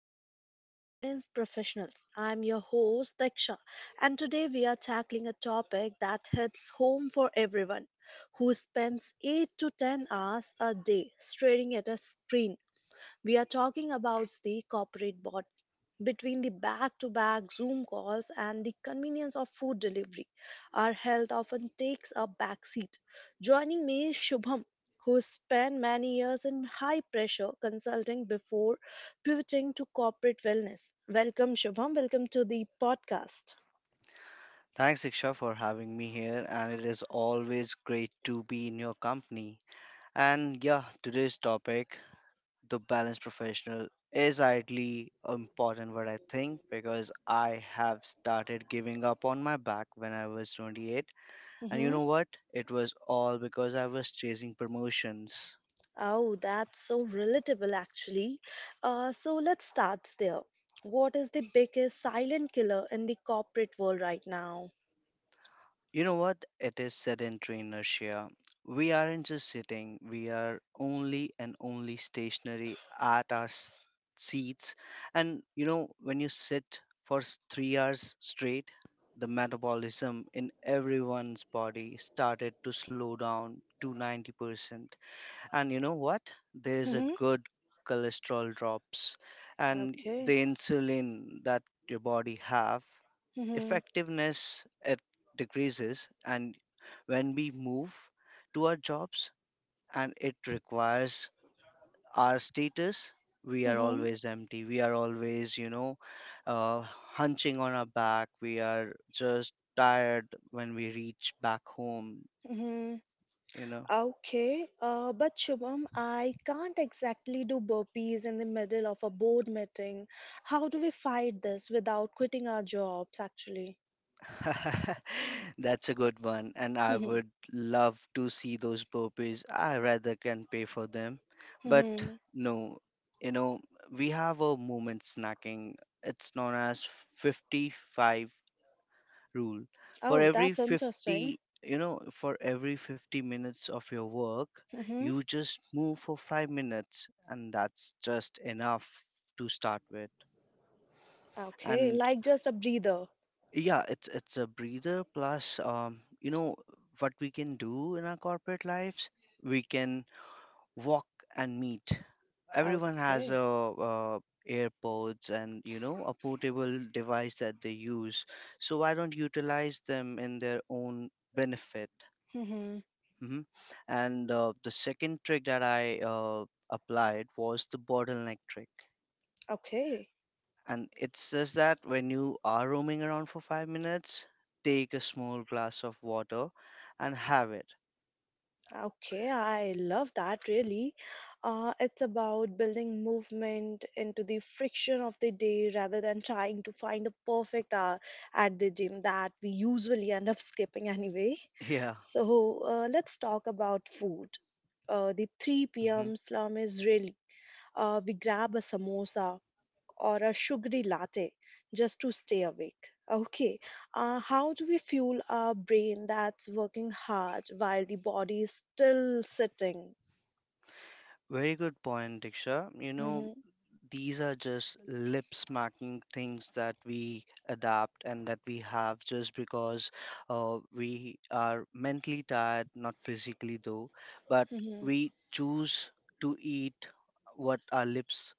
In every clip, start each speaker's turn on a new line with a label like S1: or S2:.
S1: welcome to the Balanced Professionals. I'm your host Diksha, and today we are tackling a topic that hits home for everyone who spends 8 to 10 hours a day staring at a screen. We are talking about the corporate bots, between the back to back Zoom calls and the convenience of food delivery. Our health often takes a back seat. Joining me is Shubham, who spent many years in high pressure consulting before pivoting to corporate wellness. Welcome, Shubham. Welcome to the podcast.
S2: Thanks, Diksha, for having me here, and it is always great to be in your company. And yeah, today's topic, the balanced professional, is ideally important, what I think, because I have started giving up on my back when I was 28. And you
S1: Mm-hmm.
S2: know what? It was all because I was chasing promotions.
S1: Oh, that's so relatable, actually. So let's start there. What is the biggest silent killer in the corporate world right now?
S2: You know what? It is sedentary inertia. We aren't just sitting, we are only and only stationary at our seats. And you know, when you sit for 3 hours straight, the metabolism in everyone's body started to slow down to 90%. And you know what? There is a
S1: hmm
S2: good cholesterol drops, and
S1: Okay.
S2: the insulin that your body have,
S1: hmm
S2: effectiveness it decreases. And when we move to our jobs and it requires our status, we are
S1: hmm
S2: always empty, we are always uh, hunching on our back. We are just tired when we reach back home
S1: hmm
S2: you know
S1: Okay. But Shubham, I can't exactly do burpees in the middle of a board meeting. How do we fight this without quitting our jobs, actually?
S2: That's a good one, and I
S1: hmm
S2: would love to see those burpees. I rather can pay for them. But
S1: hmm
S2: no, you know, we have a movement snacking. It's known as 55 rule. For
S1: Oh,
S2: every
S1: that's interesting.
S2: 50, for every 50 minutes of your work,
S1: hmm
S2: you just move for 5 minutes, and that's just enough to start with.
S1: Okay,
S2: And
S1: like just a breather.
S2: yeah, it's a breather plus you know what we can do in our corporate lives? We can walk and meet. Everyone has
S1: Okay.
S2: a AirPods and a portable device that they use. So why don't utilize them in their own benefit?
S1: hmm
S2: Hmm. And the second trick that I applied was the bottleneck trick.
S1: Okay.
S2: And it's just that when you are roaming around for 5 minutes, take a small glass of water and have it.
S1: Okay, I love that really. It's about building movement into the friction of the day rather than trying to find a perfect hour at the gym that we usually end up skipping anyway.
S2: Yeah.
S1: So let's talk about food. The 3
S2: hmm
S1: p.m. slum is really we grab a samosa or a sugary latte just to stay awake. Okay, how do we fuel our brain that's working hard while the body is still sitting?
S2: Very good point, Diksha. You know,
S1: hmm
S2: these are just lip smacking things that we adapt and that we have, just because we are mentally tired, not physically though, but
S1: hmm
S2: we choose to eat what our lips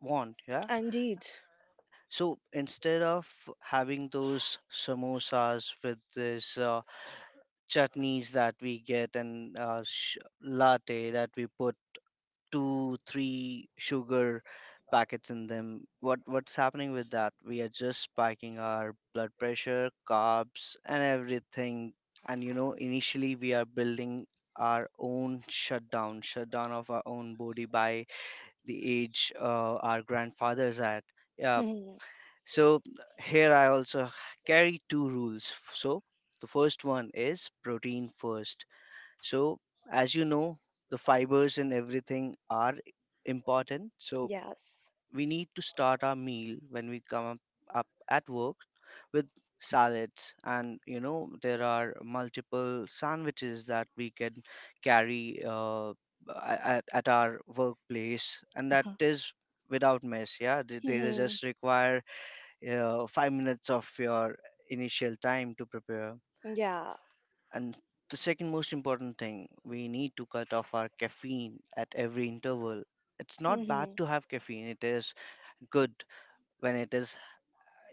S2: want. Yeah.
S1: Indeed.
S2: So instead of having those samosas with this chutneys that we get and latte that we put two, three sugar packets in them. What's happening with that? We are just spiking our blood pressure, carbs, and everything. And you know, initially we are building our own shutdown of our own body by the age our grandfathers at. Yeah.
S1: Mhm.
S2: So here I also carry two rules. So the first one is protein first. So, as you know, the fibers and everything are important. So,
S1: Yes.
S2: we need to start our meal when we come up at work with salads. And you know there are multiple sandwiches that we can carry at our workplace, and that
S1: Uh
S2: is without mess. Yeah, they
S1: hmm
S2: just require 5 minutes of your initial time to prepare.
S1: Yeah.
S2: And the second most important thing, we need to cut off our caffeine at every interval. It's not bad
S1: Mm-hmm.
S2: to have caffeine, it is good when it is,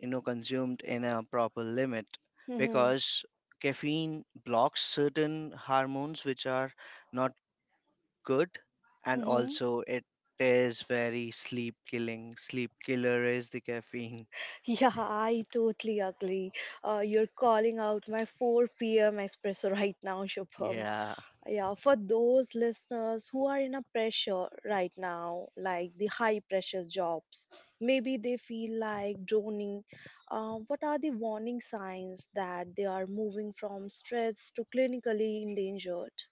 S2: consumed in a proper limit,
S1: Mm-hmm.
S2: because caffeine blocks certain hormones which are not good, and
S1: Mm-hmm.
S2: also it is very sleep killing. Sleep killer is the caffeine.
S1: Yeah, I totally agree. You're calling out my 4 p.m. espresso right now, Shubham.
S2: Yeah.
S1: Yeah, for those listeners who are in a pressure right now, like the high pressure jobs, maybe they feel like droning. What are the warning signs that they are moving from stress to clinically endangered?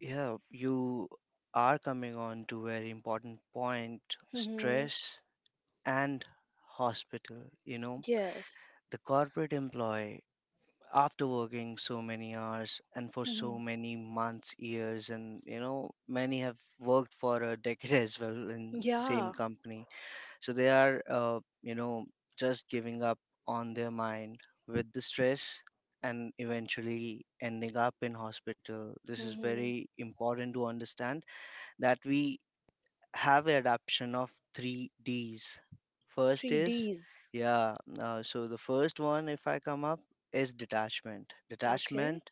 S2: Yeah, you are coming on to very important point,
S1: hmm
S2: stress and hospital you know
S1: Yes.
S2: the corporate employee, after working so many hours and for
S1: hmm
S2: so many months, years, and many have worked for a decade as well in same
S1: yeah.
S2: company, so they are just giving up on their mind with the stress, and eventually ending up in hospital. This is
S1: Mm-hmm.
S2: very important to understand, that we have a adaption of three D's. First is,
S1: 3Ds.
S2: yeah, so the first one, if I come up, is detachment.
S1: Okay.
S2: Detachment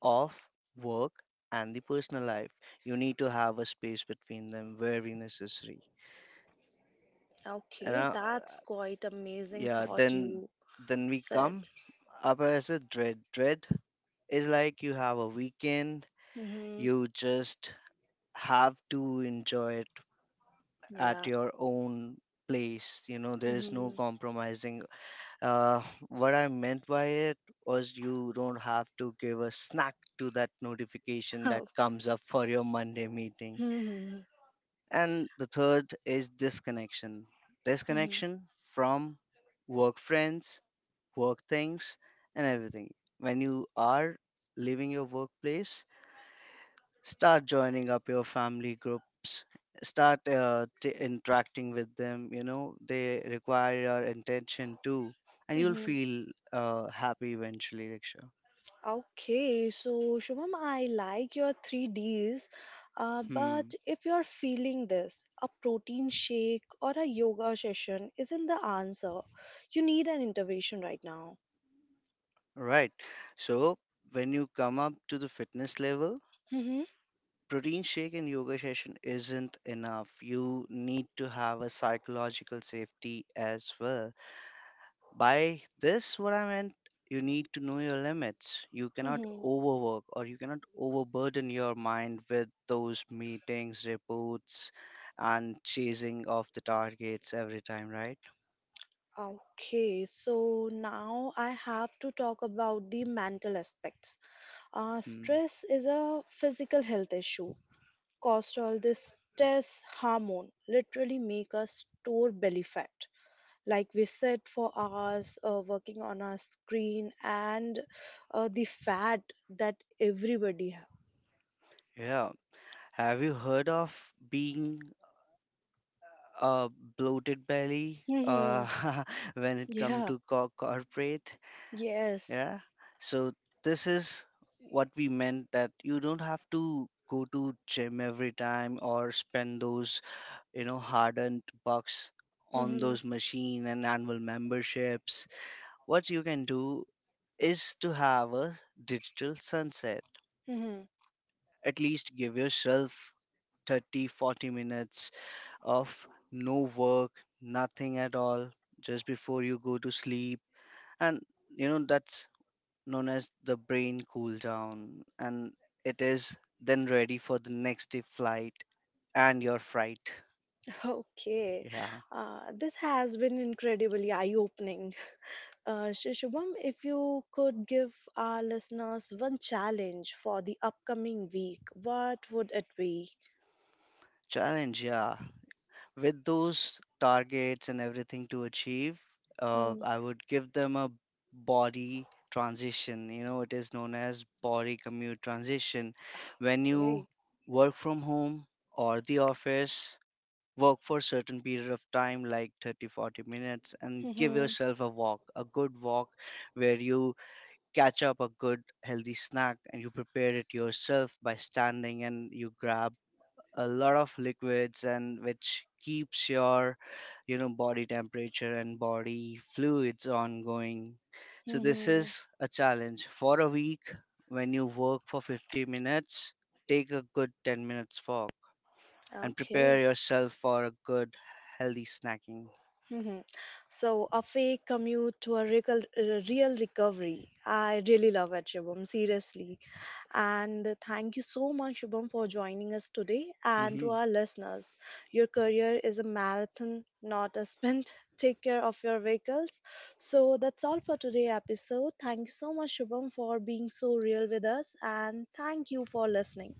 S2: of work and the personal life. You need to have a space between them, very necessary. And
S1: Okay. That's quite amazing
S2: yeah,
S1: thought
S2: then
S1: you
S2: we
S1: said.
S2: come up as a dread. Dread is like you have a weekend,
S1: Mm-hmm.
S2: you just have to enjoy it at
S1: Yeah.
S2: your own place. You know there is no
S1: Mm-hmm.
S2: compromising. uh, what I meant by it was, you don't have to give a snack to that notification that
S1: Oh.
S2: comes up for your Monday meeting.
S1: hmm
S2: And the third is disconnection
S1: hmm
S2: disconnection from work friends, work things, and everything. When you are leaving your workplace, start joining up your family groups, start interacting with them. You know they require your attention too, and you'll
S1: hmm
S2: feel happy eventually, Diksha.
S1: Okay, so Shubham, I like your three Ds, but
S2: Hmm
S1: if you're feeling this, a protein shake or a yoga session isn't the answer. You need an intervention right now.
S2: right. So when you come up to the fitness level,
S1: hmm
S2: protein shake and yoga session isn't enough. You need to have a psychological safety as well. By this, what I meant, you need to know your limits. You cannot
S1: hmm
S2: overwork, or you cannot overburden your mind with those meetings, reports, and chasing of the targets every time, right?
S1: Okay, so now I have to talk about the mental aspects. Uh,
S2: Hmm.
S1: stress is a physical health issue. Cortisol, this stress hormone, literally make us store belly fat. Like we sit for hours working on our screen, and the fat that everybody have.
S2: Yeah. Have you heard of being a bloated belly
S1: hmm
S2: when it comes
S1: Yeah.
S2: to corporate?
S1: Yes.
S2: Yeah. So this is what we meant, that you don't have to go to gym every time or spend those, hardened bucks on
S1: Mhm,
S2: those machine and annual memberships. What you can do is to have a digital sunset.
S1: mhm.
S2: At least give yourself 30, 40 minutes of no work, nothing at all just before you go to sleep. And that's known as the brain cool down, and it is then ready for the next day flight and your fright.
S1: Okay,
S2: Yeah.
S1: this has been incredibly eye-opening. Shubham, if you could give our listeners one challenge for the upcoming week, what would it be?
S2: Challenge, yeah. With those targets and everything to achieve,
S1: Hmm,
S2: I would give them a body transition. It is known as body commute transition. When you
S1: Okay.
S2: work from home or the office, work for a certain period of time, like 30, 40 minutes, and give
S1: Mhm,
S2: yourself a walk, a good walk, where you catch up a good healthy snack, and you prepare it yourself by standing, and you grab a lot of liquids, and which keeps your body temperature and body fluids ongoing. So this
S1: mhm.
S2: is a challenge for a week. When you work for 50 minutes, take a good 10 minutes walk, and prepare
S1: Okay.
S2: yourself for a good, healthy snacking.
S1: Mhm. So a fake commute to a real, real recovery. I really love it, Shubham, seriously. And thank you so much, Shubham, for joining us today. And
S2: hmm
S1: to our listeners, your career is a marathon, not a sprint. Take care of your vehicles. So that's all for today's episode. Thank you so much, Shubham, for being so real with us. And thank you for listening.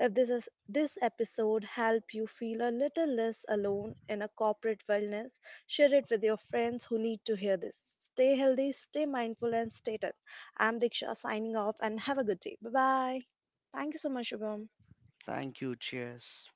S1: If this episode helped you feel a little less alone in a corporate wellness, share it with your friends who need to hear this. Stay healthy, stay mindful, and stay tuned. I'm Diksha signing off and have a good day. Bye bye. Thank you so much, Shubham.
S2: Thank you. Cheers.